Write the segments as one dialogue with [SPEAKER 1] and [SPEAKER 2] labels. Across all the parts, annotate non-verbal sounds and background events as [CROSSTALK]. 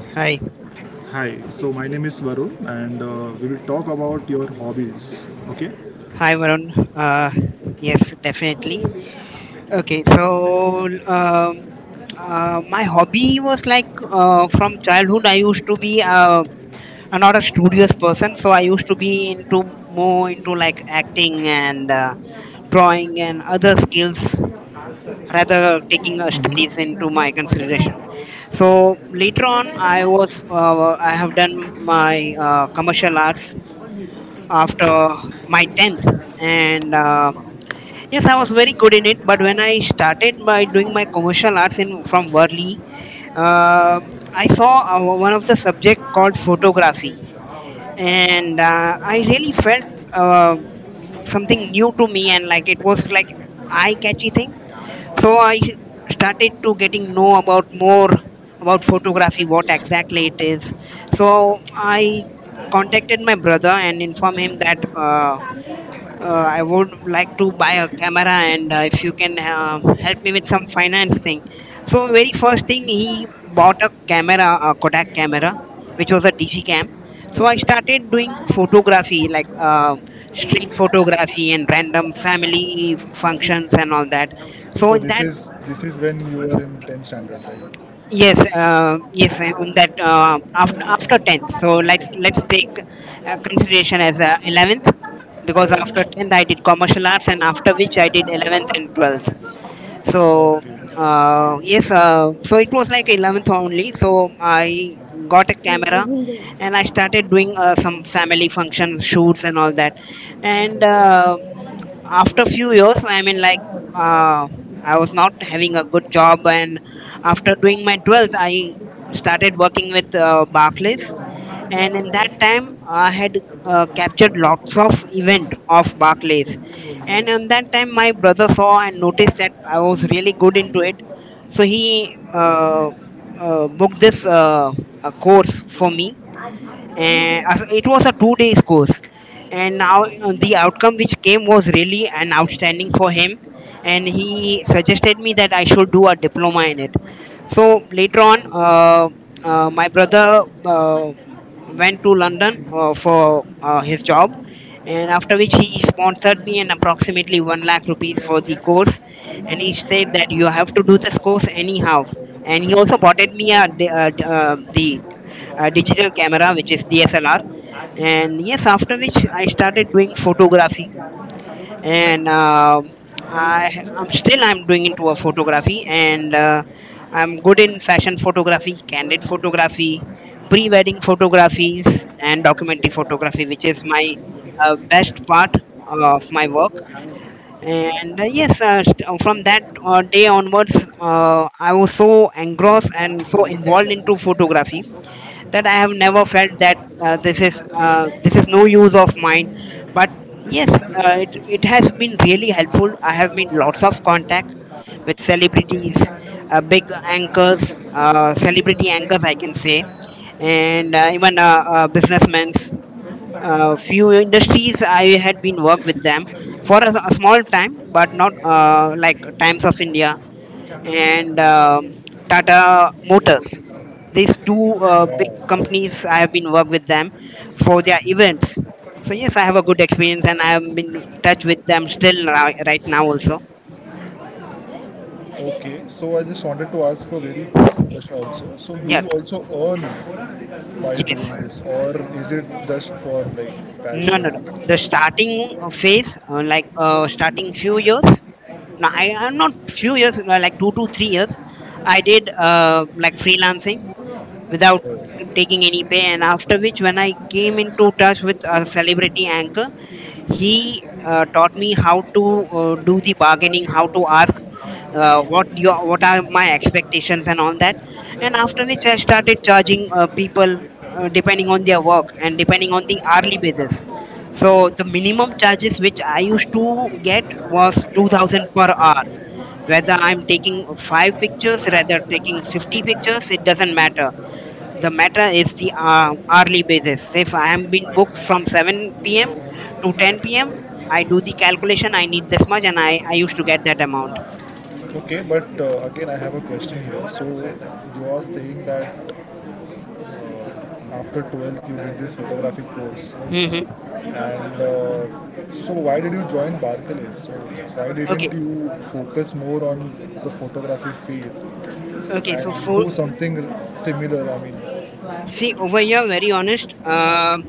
[SPEAKER 1] Hi,
[SPEAKER 2] Hi. So my name is Varun, and we will talk about your hobbies. Okay.
[SPEAKER 1] Varun. Uh, yes, definitely. Okay, so my hobby was like from childhood. I used to be a not a studious person, so I used to be into more into like acting and drawing and other skills rather taking studies into my consideration. So later on, I have done my commercial arts after my tenth and yes, I was very good in it, but when I started by doing my commercial arts in from Worli, uh, I saw one of the subject called photography, and I really felt uh, something new to me, and like it was like eye catchy thing. So I started to getting know about more about photography, what exactly it is. So I contacted my brother and informed him that I would like to buy a camera, and if you can help me with some finance thing. So very first thing he bought a camera, a Kodak camera, which was a Digicam. So I
[SPEAKER 2] Okay.
[SPEAKER 1] started doing photography, like street photography and random functions and all that. So
[SPEAKER 2] So
[SPEAKER 1] in
[SPEAKER 2] this
[SPEAKER 1] that,
[SPEAKER 2] is this is when you were in 10th standard, right?
[SPEAKER 1] yes, on that after tenth. So let's take consideration as 11th. Because after 10th I did commercial arts and after which I did 11th and 12th. So
[SPEAKER 2] Okay.
[SPEAKER 1] yes, so it was like 11th only, so I got a camera
[SPEAKER 2] So
[SPEAKER 1] and I started doing some family functions shoots and all that. And after few years, I mean, uh, I was not having a good job, and after doing my 12th I started working with Barclays, and in that time I had captured lots of event of Barclays. And in that time my brother saw and noticed that I was really good into it, so he booked this course for me, and it was a 2 days course. And now the outcome which came was really an outstanding for him, and he suggested me that I should do a diploma in it. So later on, my brother uh, went to London for his job, and after which he sponsored me an approximately one lakh rupees for the course, and he said that you have to do this course anyhow. And he also bought me a, di- d- the digital camera, which is DSLR. And yes, after which I started doing photography, and I I'm still I'm doing into a photography. And I'm good in fashion photography, candid photography, pre-wedding photographies, and documentary photography, which is my best part of my work. And yes, from that day onwards, I was so engrossed and so involved into photography that I have never felt that this is no use of mine. But yes, it has been really helpful. I have made lots of contact with celebrities, big anchors, celebrity anchors, I can say, and even businessmen. Few industries I had been worked with them for a small time, but not like Times of India and Tata Motors. These two big
[SPEAKER 2] wow.
[SPEAKER 1] companies, I have
[SPEAKER 2] Nice.
[SPEAKER 1] been work with them for their events. So yes, I have a good experience, and I have been in touch with them still right now also.
[SPEAKER 2] Okay, so I just wanted to ask a very personal question also. So, do
[SPEAKER 1] Yet,
[SPEAKER 2] you also earn by doing
[SPEAKER 1] yes,
[SPEAKER 2] this, or is it just for like
[SPEAKER 1] no, no, no.
[SPEAKER 2] passion?
[SPEAKER 1] The starting phase, starting few years. No, I am not few years, like 2 to 3 years. I did like freelancing without taking any pay, and after which, when I came into touch with a celebrity anchor, he taught me how to do the bargaining, how to ask what are my expectations and all that. And after which I started charging people depending on their work and depending on the hourly basis. So the minimum charges which I used to get was 2000 per hour. Whether I'm taking 5 pictures rather taking 50 pictures, it doesn't matter. The matter is the hourly basis. If I am being booked from 7 p.m. to 10 p.m., I do the calculation. I need this much, and I used to get that amount.
[SPEAKER 2] Okay, but again, I have a question here. So, you are saying that after 12th you did this photography course,
[SPEAKER 1] Hmm.
[SPEAKER 2] and so why did you join Barclays? So, why
[SPEAKER 1] Okay,
[SPEAKER 2] didn't you focus more on the photography field
[SPEAKER 1] okay. So
[SPEAKER 2] and
[SPEAKER 1] for,
[SPEAKER 2] do something similar? I mean,
[SPEAKER 1] see over here, very honest. Um,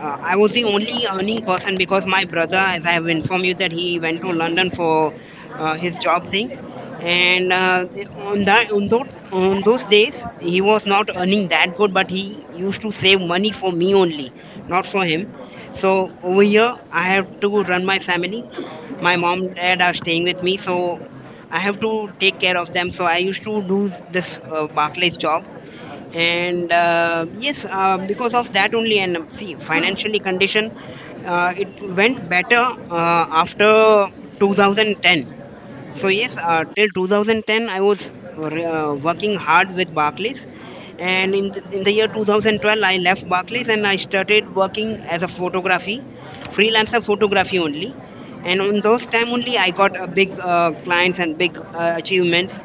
[SPEAKER 1] uh, I was the only earning person because my brother, as I have informed you, that he went to London for his job thing, and on that on those days he was not earning that good, but he used to save money for me only, not for him. So over here, I have to run my family. My mom, dad are staying with me, so I have to take care of them. So I used to do this Barclays job. And yes, because of that only. And see financially condition, it went better after 2010. So yes, till 2010 I was working hard with Barclays, and in the year 2012 I left Barclays, and I started working as a photography, freelancer photography only. And on those time only I got a big clients and big achievements.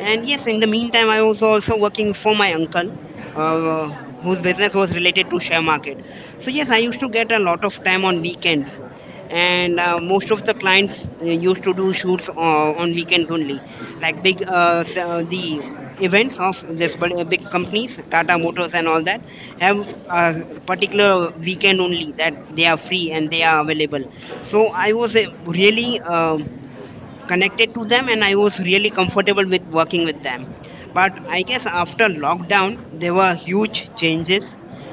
[SPEAKER 1] And yes, in the meantime I was also working for my uncle, uh, whose business was related to share market. So yes, I used to get a lot of time on weekends, and most of the clients used to do shoots on weekends only. Like big s- the events of this big big companies, Tata Motors and all that, have a particular weekend only that they are free and they are available. So I was really connected to them, and I was really comfortable with working with them. But I guess after lockdown there were huge changes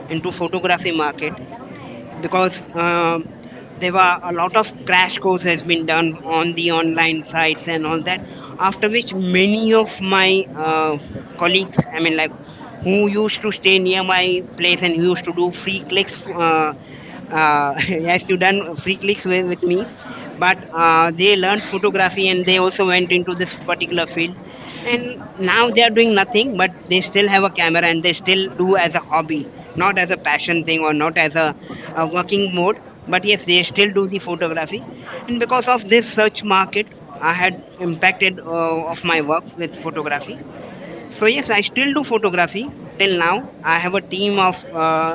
[SPEAKER 1] into photography market. Because there were a lot of crash course has been done on the online sites and all that. After which many of my colleagues, I mean, like who used to stay near my place and who used to do free clicks, uh, [LAUGHS] has to done free clicks with me. But they learned photography, and they also went into this particular field. And now they are doing nothing, but they still have a camera, and they still do as a hobby, not as a passion thing or not as a working mode. But yes, they still do the photography. And because of this search market, I had impacted of my work with photography. So yes, I still do photography. Till now I have a team of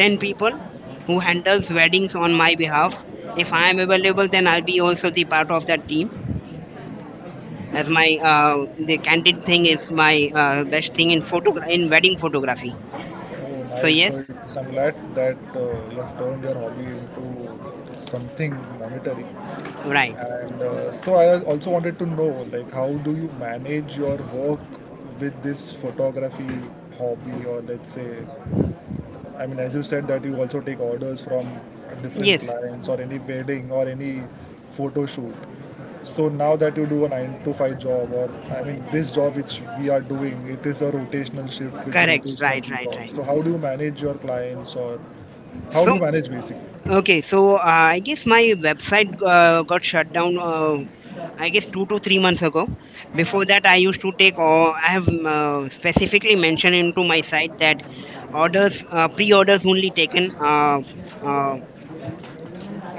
[SPEAKER 1] 10 people who handles weddings on my behalf. If I am available, then I'll be also the part of that team, as my uh, the candid thing is my best thing in wedding photography.
[SPEAKER 2] oh,
[SPEAKER 1] So
[SPEAKER 2] nice. So
[SPEAKER 1] yes,
[SPEAKER 2] it's, I'm glad that you have turned your hobby into something monetary.
[SPEAKER 1] right,
[SPEAKER 2] And so I also wanted to know, like, how do you manage your work with this photography hobby, or let's say, I mean, as you said that you also take orders from different
[SPEAKER 1] yes,
[SPEAKER 2] clients or any wedding or any photo shoot. So now that you do a 9 to 5 job, or I mean, this job which we are doing, it is a rotational shift with
[SPEAKER 1] correct,
[SPEAKER 2] rotational
[SPEAKER 1] right,
[SPEAKER 2] week
[SPEAKER 1] right,
[SPEAKER 2] off.
[SPEAKER 1] right.
[SPEAKER 2] So, how do you manage your clients, or how
[SPEAKER 1] So
[SPEAKER 2] do you manage basically?
[SPEAKER 1] okay, so I guess my website got shut down. I guess 2 to 3 months ago. Before that, I used to take. Or I have specifically mentioned into my site that orders, pre-orders only taken. Uh,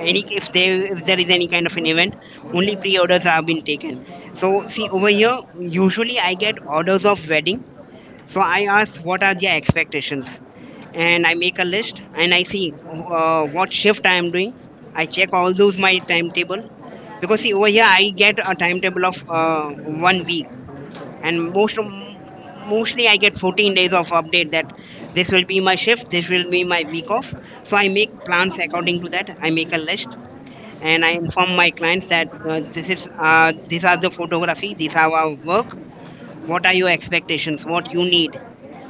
[SPEAKER 1] any, if there is any kind of an event, only pre-orders have been taken. So see over here, usually I get orders of wedding. So I asked what are their expectations, and I make a list, and I see what shift I am doing. I check all those my timetable, because see over here I get a timetable of one week, and mostly I get 14 days of update that this will be my shift, this will be my week off. So I make plans according to that. I make a list, and I inform my clients that this is these are the photography, these are our work. What are your expectations? What you need?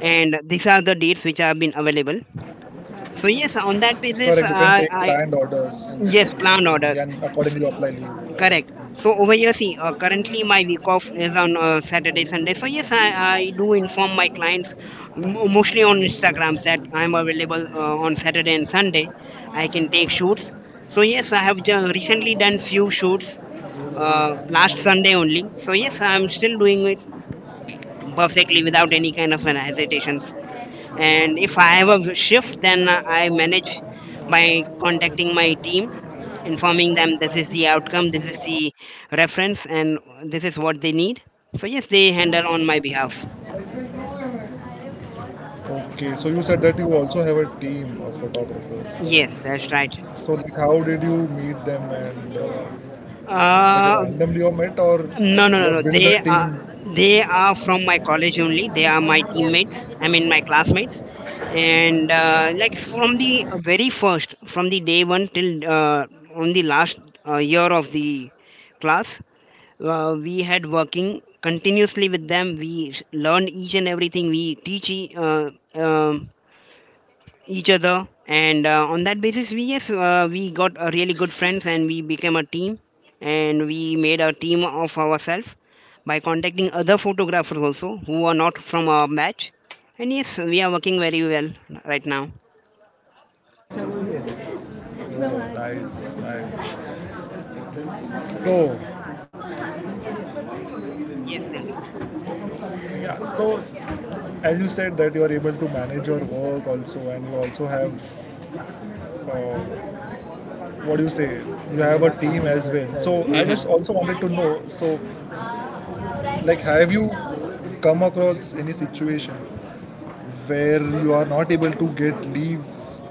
[SPEAKER 1] And these are the dates which have been available.
[SPEAKER 2] Correct, you can take
[SPEAKER 1] So
[SPEAKER 2] planned
[SPEAKER 1] yes, on that
[SPEAKER 2] orders
[SPEAKER 1] basis, I,
[SPEAKER 2] and accordingly you
[SPEAKER 1] yes,
[SPEAKER 2] apply leave.
[SPEAKER 1] plan orders, S- correct. So over here, see, currently my week off is on Saturday, Sunday. So yes, I do inform my clients mo mostly on Instagram that I'm available on Saturday and Sunday. I can take shoots. So yes, I have recently done few shoots last Sunday only. So yes, I'm still doing it perfectly without any kind of an hesitation. And if I have a shift, then I manage by contacting my team, informing them this is the outcome, this is the reference, and this is what they need. So yes, they handle on my behalf.
[SPEAKER 2] Okay, so you said that you also have a team of photographers, correct?
[SPEAKER 1] Yes, that's right.
[SPEAKER 2] So, like, how did you meet them and like
[SPEAKER 1] uh,
[SPEAKER 2] randomly you met, or
[SPEAKER 1] No, no, no,
[SPEAKER 2] you
[SPEAKER 1] no.
[SPEAKER 2] have built the
[SPEAKER 1] They are,
[SPEAKER 2] team?
[SPEAKER 1] they are from my college only. They are my teammates. I mean, my classmates. And like from the very first, from the day one till on the last year of the class, we had working continuously with them. Learned each and everything. Um each other and on that basis we got really good friends and we became a team, and we made a team of ourselves by contacting other photographers also who are not from our batch. And yes, we are working very well right now.
[SPEAKER 2] Oh, nice, nice. So,
[SPEAKER 1] Yes, tell me.
[SPEAKER 2] yeah, so as you said that you are able to manage your work also and you also have uh, what do you say, you have a team as well, so I
[SPEAKER 1] Mhm.
[SPEAKER 2] just also wanted to know, so like, have you come across any situation where you are not able to get leaves,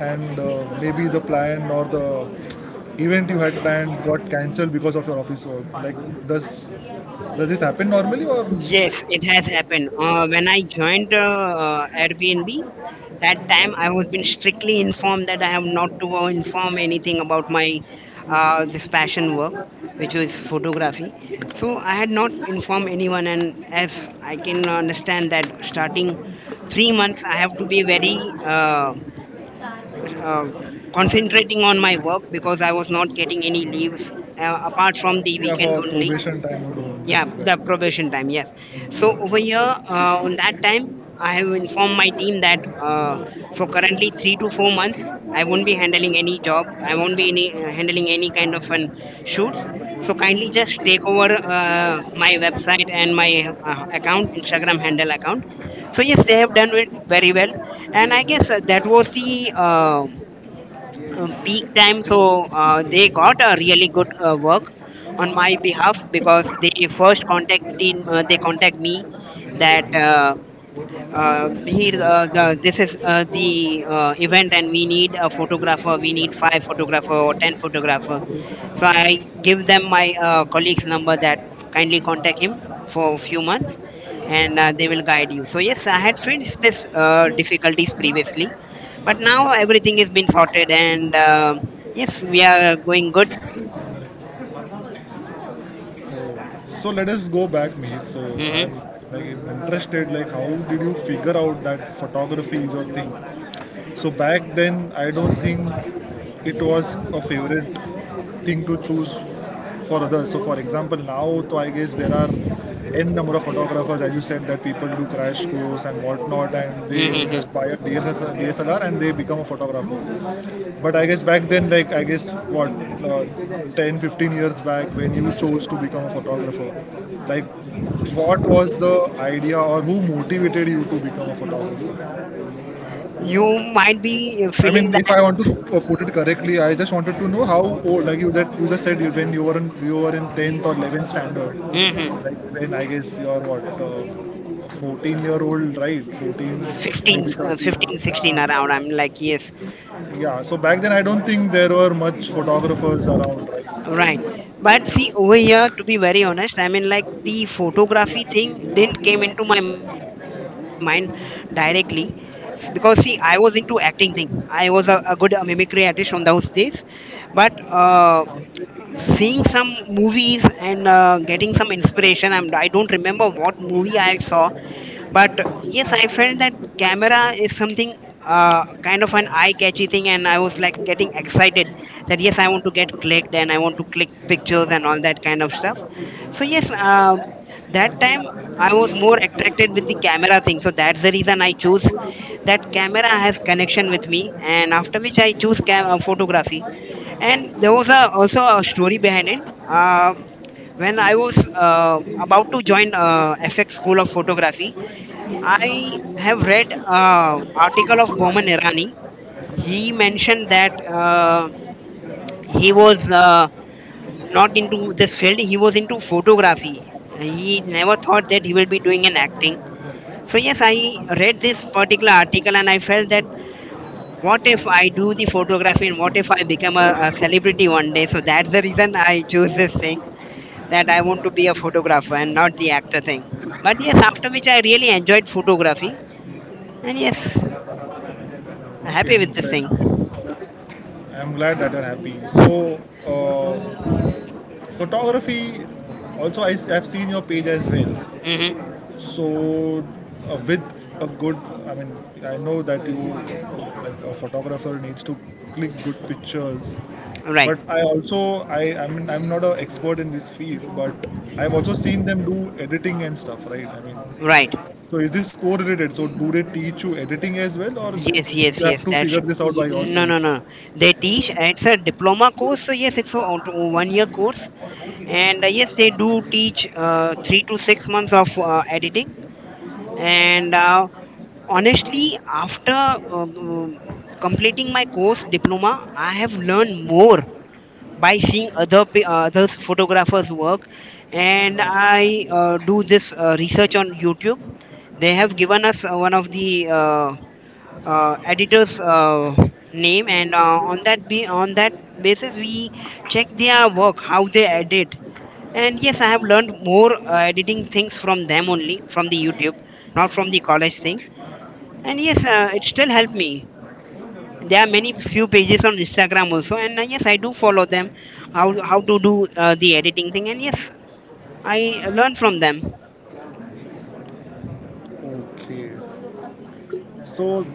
[SPEAKER 2] and maybe the plan or the event you had planned got cancelled because of your office work? Like, does this happen normally or
[SPEAKER 1] Yes, it has happened when I joined Airbnb. That time I was been strictly informed that I have not to inform anything about my this passion work, which was photography. So I had not informed anyone, and as I can understand that starting 3 months I have to be very uh, uh, concentrating on my work because I was not getting any leaves apart from the
[SPEAKER 2] yeah,
[SPEAKER 1] weekends
[SPEAKER 2] for
[SPEAKER 1] only.
[SPEAKER 2] probation time or
[SPEAKER 1] Yeah,
[SPEAKER 2] like
[SPEAKER 1] the
[SPEAKER 2] exactly.
[SPEAKER 1] probation time, yes. So over here, on that time I have informed my team that for currently 3 to 4 months I won't be handling any job. I won't be handling any kind of an shoots, so kindly just take over my website and my account, Instagram handle account. So yes, they have done it very well, and I guess that was the peak time, so they got a really good work on my behalf, because they first contacted, they contact me that here the, this is the event, and we need a photographer, we need five photographer or ten photographer. So I give them my colleague's number, that kindly contact him for a few months, and they will guide you. So yes, I had faced this difficulties previously, but now everything has been sorted, and yes, we are going good.
[SPEAKER 2] So, so, let us go back, Mihir. So
[SPEAKER 1] Hmm.
[SPEAKER 2] I'm like interested. Like, how did you figure out that photography is your thing? So back then, I don't think it was a favorite thing to choose for others. So for example, now, so I guess there are n number of photographers, as you said, that people do crash course and whatnot, and they
[SPEAKER 1] Hmm.
[SPEAKER 2] just buy a DSLR and they become a photographer. But I guess back then, like, I guess what, uh, 10, 15 years back, when you chose to become a photographer, like what was the idea or who motivated you to become a photographer?
[SPEAKER 1] You might be
[SPEAKER 2] I
[SPEAKER 1] feeling
[SPEAKER 2] mean, if
[SPEAKER 1] that.
[SPEAKER 2] I want to put it correctly, I just wanted to know how old, like, you that you just said you, when you were in 10th or 11th standard,
[SPEAKER 1] Hmm.
[SPEAKER 2] like when I guess you're what, 14-year-old, right? 14,
[SPEAKER 1] 15,
[SPEAKER 2] maybe
[SPEAKER 1] uh,
[SPEAKER 2] 13.
[SPEAKER 1] 15, 16 around.
[SPEAKER 2] Uh,
[SPEAKER 1] I'm like, yes,
[SPEAKER 2] yeah. So back then, I don't think there were much photographers around, right?
[SPEAKER 1] right. But see, over here, to be very honest, I mean, like the photography thing didn't came into my mind directly. Because see, I was into acting thing. I was a good mimicry artist on those days, but seeing some movies and getting some inspiration, I don't remember what movie I saw, but yes, I felt that camera is something kind of an eye-catchy thing, and I was like getting excited that yes, I want to get clicked and I want to click pictures and all that kind of stuff. So that time I was more attracted with the camera thing, so that's the reason I choose that camera has connection with me. And after which I choose photography, and there was also a story behind it. Uh, when I was about to join FX School of Photography, I have read article of Boman Irani. He mentioned that he was not into this field. He was into photography. He never thought that he will be doing an acting. So yes, I read this particular article and I felt that what if I do the photography and what if I become a celebrity one day? So that's the reason I choose this thing, that I want to be a photographer and not the actor thing. But yes, after which I really enjoyed photography, and yes, I'm happy with this thing.
[SPEAKER 2] Interesting. I'm glad that you're happy. So, uh, photography, also I have seen your page as well.
[SPEAKER 1] Hmm.
[SPEAKER 2] So, with a good, I mean, I know that you, like a photographer, needs to click good pictures.
[SPEAKER 1] Right,
[SPEAKER 2] But I also, I mean, I'm not an expert in this field, but I've also seen them do editing and stuff, right? I mean,
[SPEAKER 1] right.
[SPEAKER 2] so is this correlated? So, do they teach you editing as well, or
[SPEAKER 1] Yes, yes,
[SPEAKER 2] you have
[SPEAKER 1] yes.
[SPEAKER 2] to figure this out by
[SPEAKER 1] No, no,
[SPEAKER 2] yourself?
[SPEAKER 1] no. They teach. It's a diploma course, so yes, it's a 1 year course, and yes, they do teach 3 to 6 months of editing. And honestly, after completing my course diploma, I have learned more by seeing others photographers work, and I do this research on YouTube. They have given us one of the uh, editors name, and on that basis we check their work, how they edit. And yes, I have learned more editing things from them only, from the YouTube, not from the college thing. And yes, it still helped me. There are many few pages on Instagram also, and yes, I do follow them, how to do the editing thing, and yes, I learn from them.
[SPEAKER 2] Okay. So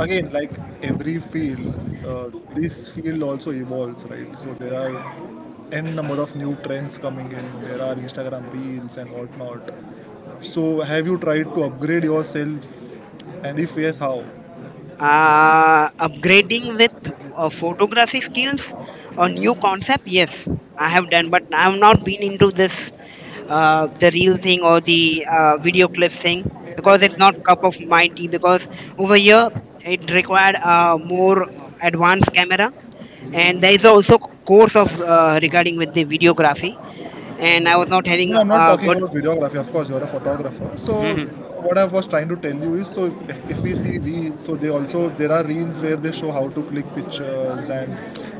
[SPEAKER 2] again, like every field, uh, this field also evolves, right? So there are n number of new trends coming in. There are Instagram reels and whatnot. So have you tried to upgrade yourself? And if yes, how?
[SPEAKER 1] Upgrading with photography skills, a new concept, yes, I have done, but I have not been into this, the real thing or the video clip thing, because it's not cup of my tea, because over here it required a more advanced camera, and there is also course of regarding with the videography, and I was not having
[SPEAKER 2] No, I'm not
[SPEAKER 1] a
[SPEAKER 2] talking
[SPEAKER 1] good.
[SPEAKER 2] about videography. Of course, you're a photographer. So,
[SPEAKER 1] Mhm.
[SPEAKER 2] what I was trying to tell you is, so if we see reels, so they also, there are reels where they show how to click pictures and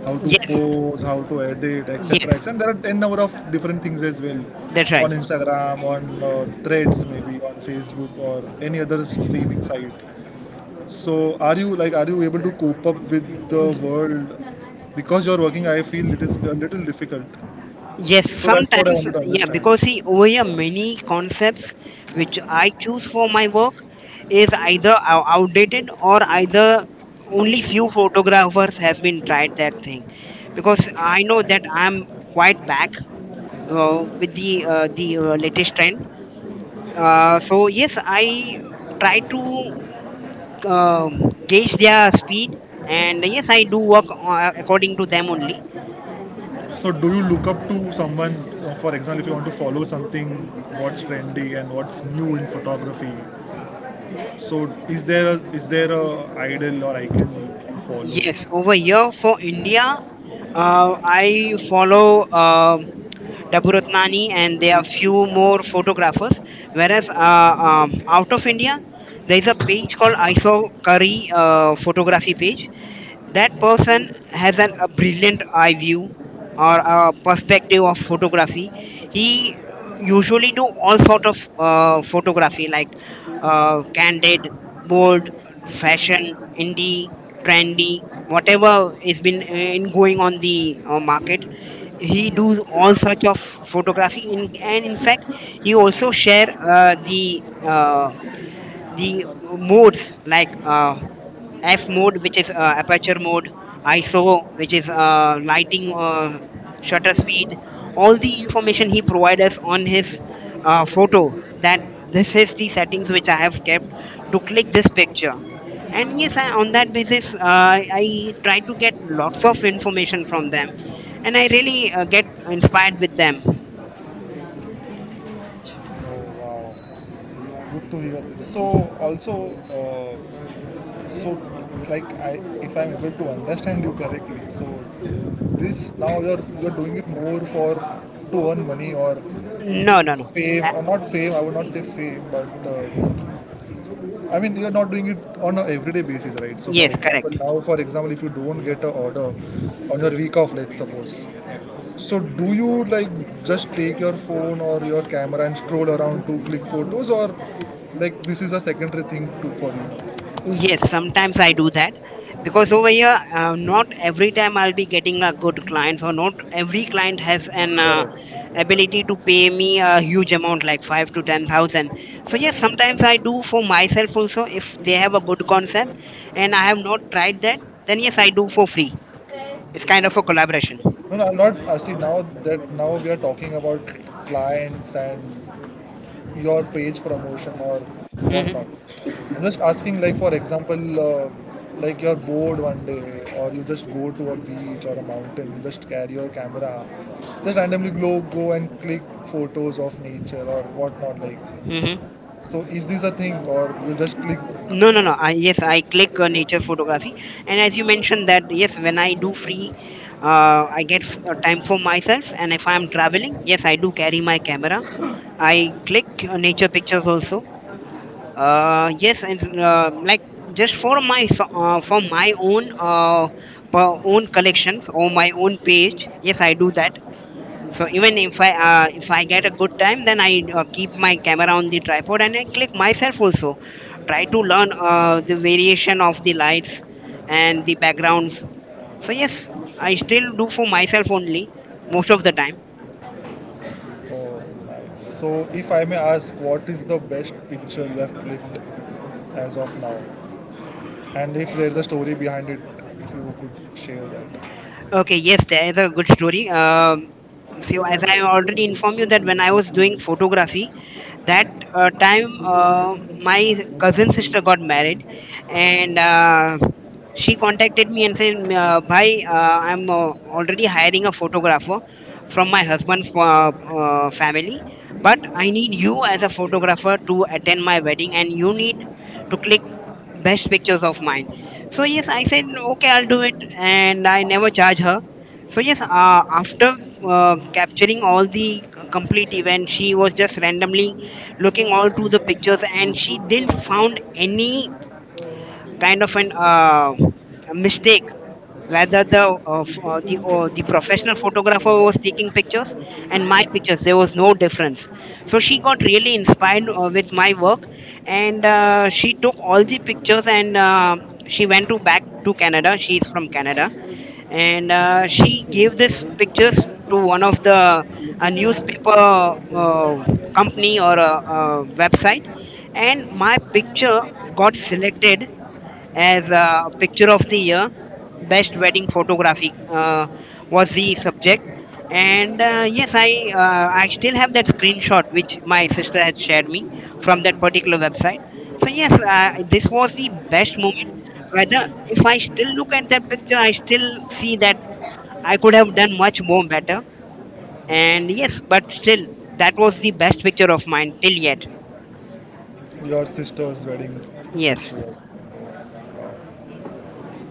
[SPEAKER 2] how to
[SPEAKER 1] Yes,
[SPEAKER 2] pose, how to edit, etc.
[SPEAKER 1] yes,
[SPEAKER 2] etc. And there are n number of different things as well
[SPEAKER 1] that's right.
[SPEAKER 2] on Instagram, on Threads, maybe on Facebook or any other streaming site. So, are you like, are you able to cope up with the
[SPEAKER 1] Y-
[SPEAKER 2] world? Because you're working, I feel it is a little difficult.
[SPEAKER 1] Yes,
[SPEAKER 2] So that's what I
[SPEAKER 1] sometimes,
[SPEAKER 2] wanted to
[SPEAKER 1] yeah,
[SPEAKER 2] understand.
[SPEAKER 1] because see, over here, many concepts which I choose for my work is either outdated or either only few photographers has been tried that thing. Because I know that I'm quite back with the latest trend. So yes, I try to gauge their speed, and yes, I do work according to them only.
[SPEAKER 2] So, do you look up to someone, for example, if you want to follow something, what's trendy and what's new in photography? So, is there a idol or icon you follow?
[SPEAKER 1] Yes, over here for India, I follow Daburatnani, and there are few more photographers. Whereas out of India, there is a page called ISO Curry photography page. That person has a brilliant eye view or a perspective of photography. He usually do all sort of photography, like candid, bold, fashion, indie, trendy, whatever is been in going on the market. He does all such of photography, and in fact he also share the modes, like F mode, which is aperture mode, ISO, which is lighting, shutter speed. All the information he provided us on his photo, that this is the settings which I have kept to click this picture. And yes, on that basis I try to get lots of information from them, and I really get inspired with them.
[SPEAKER 2] Oh wow, good to hear this. So also, uh, so like, I, if I'm able to understand you correctly, so this, now you're doing it more for to earn money or
[SPEAKER 1] No, no, no. uh,
[SPEAKER 2] fame, or not fame. I would not say fame, but I mean, you're not doing it on an everyday basis, right? So, for
[SPEAKER 1] yes,
[SPEAKER 2] example,
[SPEAKER 1] correct.
[SPEAKER 2] now, for example, if you don't get an order on your week off, let's suppose. So, do you like just take your phone or your camera and stroll around to click photos, or like this is a secondary thing to, for you?
[SPEAKER 1] Yes, sometimes I do that, because over here, not every time I'll be getting a good client, or not every client has an
[SPEAKER 2] Correct.
[SPEAKER 1] ability to pay me a huge amount, like 5 to 10 thousand. So yes, sometimes I do for myself also if they have a good concept and I have not tried that, then yes, I do for free. It's kind of a collaboration.
[SPEAKER 2] No, no, I'm not. I see now that now we are talking about clients and your page promotion or whatnot.
[SPEAKER 1] Hmm.
[SPEAKER 2] I'm just asking, like for example, like, you're bored one day, or you just go to a beach or a mountain, you just carry your camera, just randomly go and click photos of nature or whatnot. Like,
[SPEAKER 1] Hmm.
[SPEAKER 2] so is this a thing, or you just click?
[SPEAKER 1] No, no, no. I, yes, I click nature photography, and as you mentioned that yes, when I do free, time for myself, and if I am traveling, yes, I do carry my camera. I click nature pictures also. Yes, it's like just for for my own for own collections or my own page. Yes, I do that. So even if I if I get a good time, then I keep my camera on the tripod and I click myself also, try to learn the variation of the lights and the backgrounds. So yes, I still do for myself only most of the time.
[SPEAKER 2] Oh, nice. So if I may ask, what is the best picture you have clicked as of now? And if there's a story behind it, if you could share that.
[SPEAKER 1] Okay, yes, there is a good story. So as I already informed you that when I was doing photography, that time my cousin sister got married, and she contacted me and said, Bhai, I'm already hiring a photographer from my husband's family, but I need you as a photographer to attend my wedding, and you need to click uh, best pictures of mine." So yes, I said okay, I'll do it, and I never charge her. So yes, after capturing all the complete event, she was just randomly looking all through the pictures, and she didn't found any kind of an a mistake, whether the the professional photographer was taking pictures and my pictures, there was no difference. So she got really inspired with my work, and she took all the pictures, and she went to back to Canada, she is from Canada. And she gave these pictures to one of the a newspaper uh, company or a website, and my picture got selected as a picture of the year. Best wedding photography was the subject. And yes, I still have that screenshot which my sister had shared me from that particular website. So yes, this was the best moment. Whether if I still look at that picture, I still see that I could have done much more better, and yes, but still that was the best picture of mine till yet.
[SPEAKER 2] Your sister's wedding
[SPEAKER 1] Yes.
[SPEAKER 2] pictures.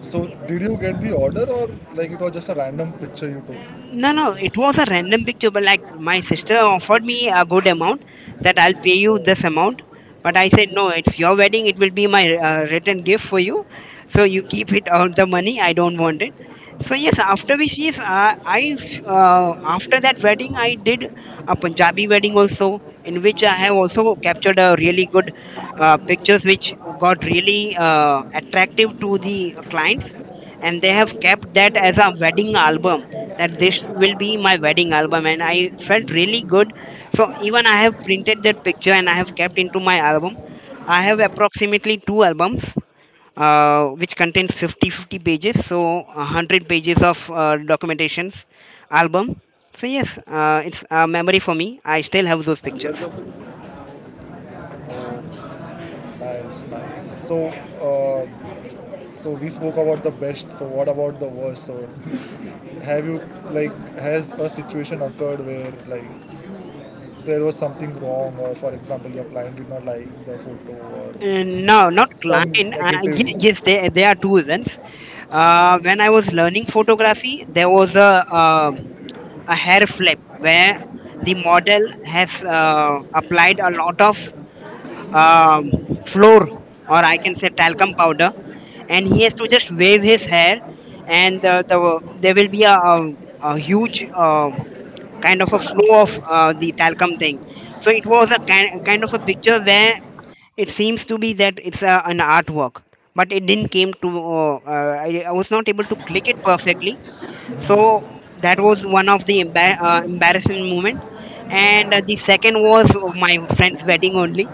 [SPEAKER 2] So, did you get the order, or like it was just a random picture you took?
[SPEAKER 1] No, no, it was a random picture, but like my sister offered me a good amount, that I'll pay you This amount. But I said, "No, it's your wedding. It will be my return gift for you, so you keep it on the money. I don't want it." So yes, after which, yes, i f- uh, after that wedding I did a Punjabi wedding also, in which I have also captured a really good pictures which got really attractive to the clients, and they have kept that as a wedding album. That this will be my wedding album, and I felt really good. So even I have printed that picture and I have kept into my album. I have approximately two albums which contains 50 50 pages, so 100 pages of documentations album. So yes, it's a memory for me. I still have those pictures.
[SPEAKER 2] Oh, nice, nice. So, uh, so we spoke about the best. So, what about the worst? So, [LAUGHS] have you, like, has a situation occurred where, like, there was something wrong, or for example, your client did not like the photo or
[SPEAKER 1] No, not
[SPEAKER 2] some
[SPEAKER 1] client.
[SPEAKER 2] negative?
[SPEAKER 1] Yes, there are two reasons. When I was learning photography, there was um a hair flip where the model have applied a lot of um, floor, or I can say talcum powder, and he has to just wave his hair. And there will be a huge kind of a flow of the talcum thing. So it was a kind of a picture where it seems to be that it's an artwork, but it didn't came to I was not able to click it perfectly. So that was one of the embarrassing moment. And the second was my friend's wedding only,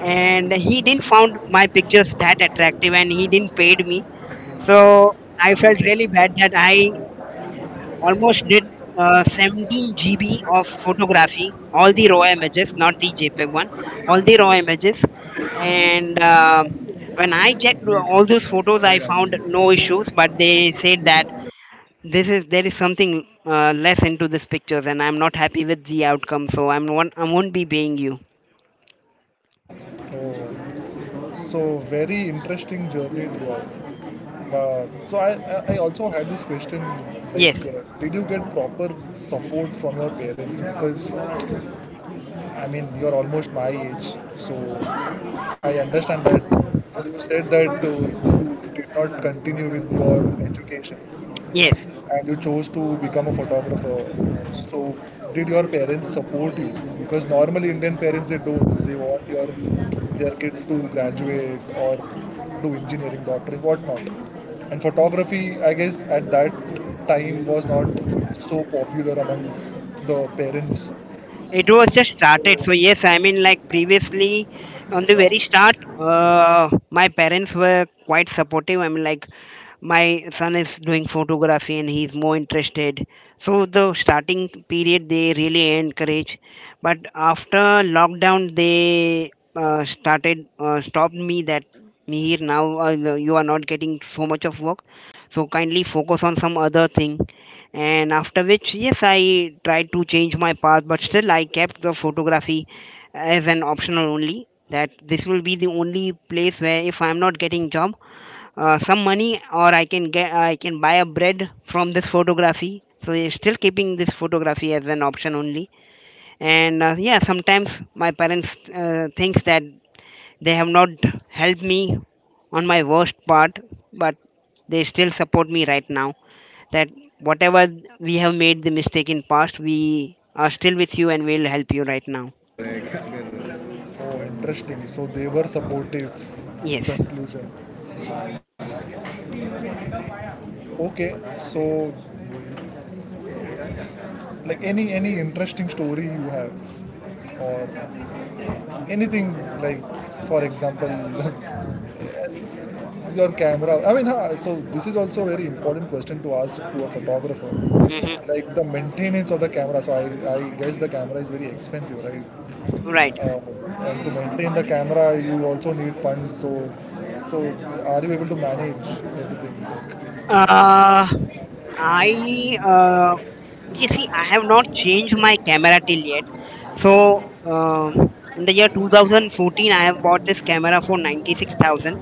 [SPEAKER 1] and he didn't found my pictures that attractive, and he didn't paid me. So I felt really bad that I almost did 17 GB of photography, all the raw images, not the jpeg one, all the raw images. And when I checked all those photos, I found no issues, but they said that this is there is something less into this pictures, and I'm not happy with the outcome, so I won't be paying you.
[SPEAKER 2] Oh, so very interesting journey throughout. So I also had this question, like,
[SPEAKER 1] Yes.
[SPEAKER 2] did you get proper support from your parents? Because I mean, you're almost my age, so I understand that you said that you did not continue with your education
[SPEAKER 1] Yes,
[SPEAKER 2] and you chose to become a photographer. So, did your parents support you? Because normally Indian parents they don't. They want your their kid to graduate or do engineering, doctoring, whatnot. And photography, I guess, at that time was not so popular among the parents.
[SPEAKER 1] it was just started. So yes, I mean, like, previously on the very start, my parents were quite supportive. I mean, like, my son is doing photography and he's more interested, so the starting period they really encourage. But after lockdown, they started stopped me that, "Mihir, now you are not getting so much of work, so kindly focus on some other thing." And after which, yes, I tried to change my path, but still I kept the photography as an optional only. That this will be the only place where if I'm not getting job, some money, or I can get, I can buy a bread from this photography, so he's still keeping this photography as an option only. And yeah, sometimes my parents thinks that they have not helped me on my worst part, but they still support me right now, that whatever we have made the mistake in past, we are still with you and will help you right now.
[SPEAKER 2] Oh, interesting. So they were supportive.
[SPEAKER 1] Yes.
[SPEAKER 2] Conclusion. Nice. Okay, so like, any interesting story you have, or anything, like, for example, [LAUGHS] your camera, I mean, so this is also a very important question to ask to a photographer,
[SPEAKER 1] Hmm.
[SPEAKER 2] like the maintenance of the camera. So I guess the camera is very expensive, right?
[SPEAKER 1] Right.
[SPEAKER 2] uh, and to maintain the camera you also need funds, so are you able to manage everything,
[SPEAKER 1] uh I You see, I have not changed my camera till yet. So uh, in the year 2014 I have bought this camera for 96,000.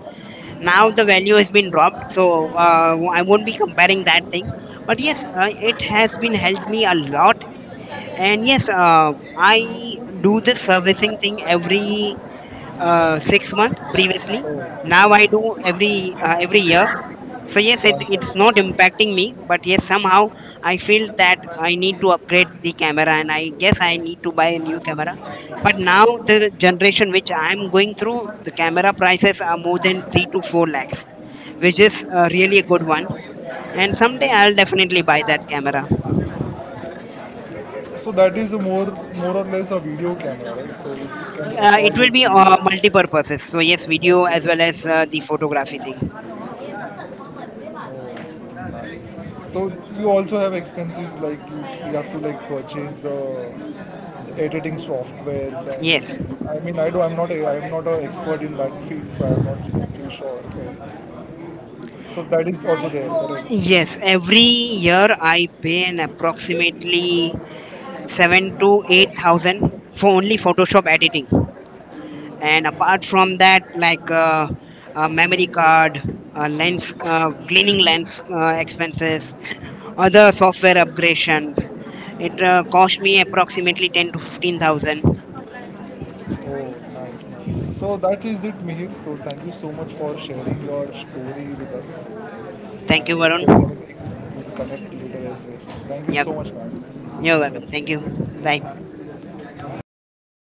[SPEAKER 1] Now the value has been dropped, so I won't be comparing that thing, but yes, it has been helped me a lot. And yes, I do this servicing thing every 6
[SPEAKER 2] like,
[SPEAKER 1] months previously.
[SPEAKER 2] so
[SPEAKER 1] Now I do every every year. So yes, it's not
[SPEAKER 2] side.
[SPEAKER 1] impacting me, but yes, somehow I feel that I need to upgrade the camera, and I guess I need to buy a new camera. But now the generation which I'm going through, the camera prices are more than 3 to 4 lakhs, which is really a good one. And someday I'll definitely buy that camera.
[SPEAKER 2] So that is a more or less a video camera, right? So it can
[SPEAKER 1] Uh, it
[SPEAKER 2] record
[SPEAKER 1] will
[SPEAKER 2] good
[SPEAKER 1] be
[SPEAKER 2] video.
[SPEAKER 1] multi-purposes, so yes, video as well as the
[SPEAKER 2] right?
[SPEAKER 1] photography thing.
[SPEAKER 2] Oh, nice. So you also have expenses, like, you have to like purchase the editing softwares,
[SPEAKER 1] Yes.
[SPEAKER 2] and I mean, I do, I'm not I'm not an expert in that field, so I'm not too sure, so that is also there, correct.
[SPEAKER 1] Yes, every year I pay an approximately seven to eight thousand for only Photoshop editing. And apart from that, like memory card, lens, cleaning lens expenses, other software upgradations, it cost me approximately ten to fifteen thousand.
[SPEAKER 2] Oh, nice, nice. So that is it, Mihir. So thank you so much for sharing your story with us.
[SPEAKER 1] Thank you,
[SPEAKER 2] And if
[SPEAKER 1] Varun.
[SPEAKER 2] there is anything, we'll connect later as well. Thank you
[SPEAKER 1] Yep,
[SPEAKER 2] so much, man.
[SPEAKER 1] you're welcome. Thank you.
[SPEAKER 2] Enjoy.
[SPEAKER 1] Bye.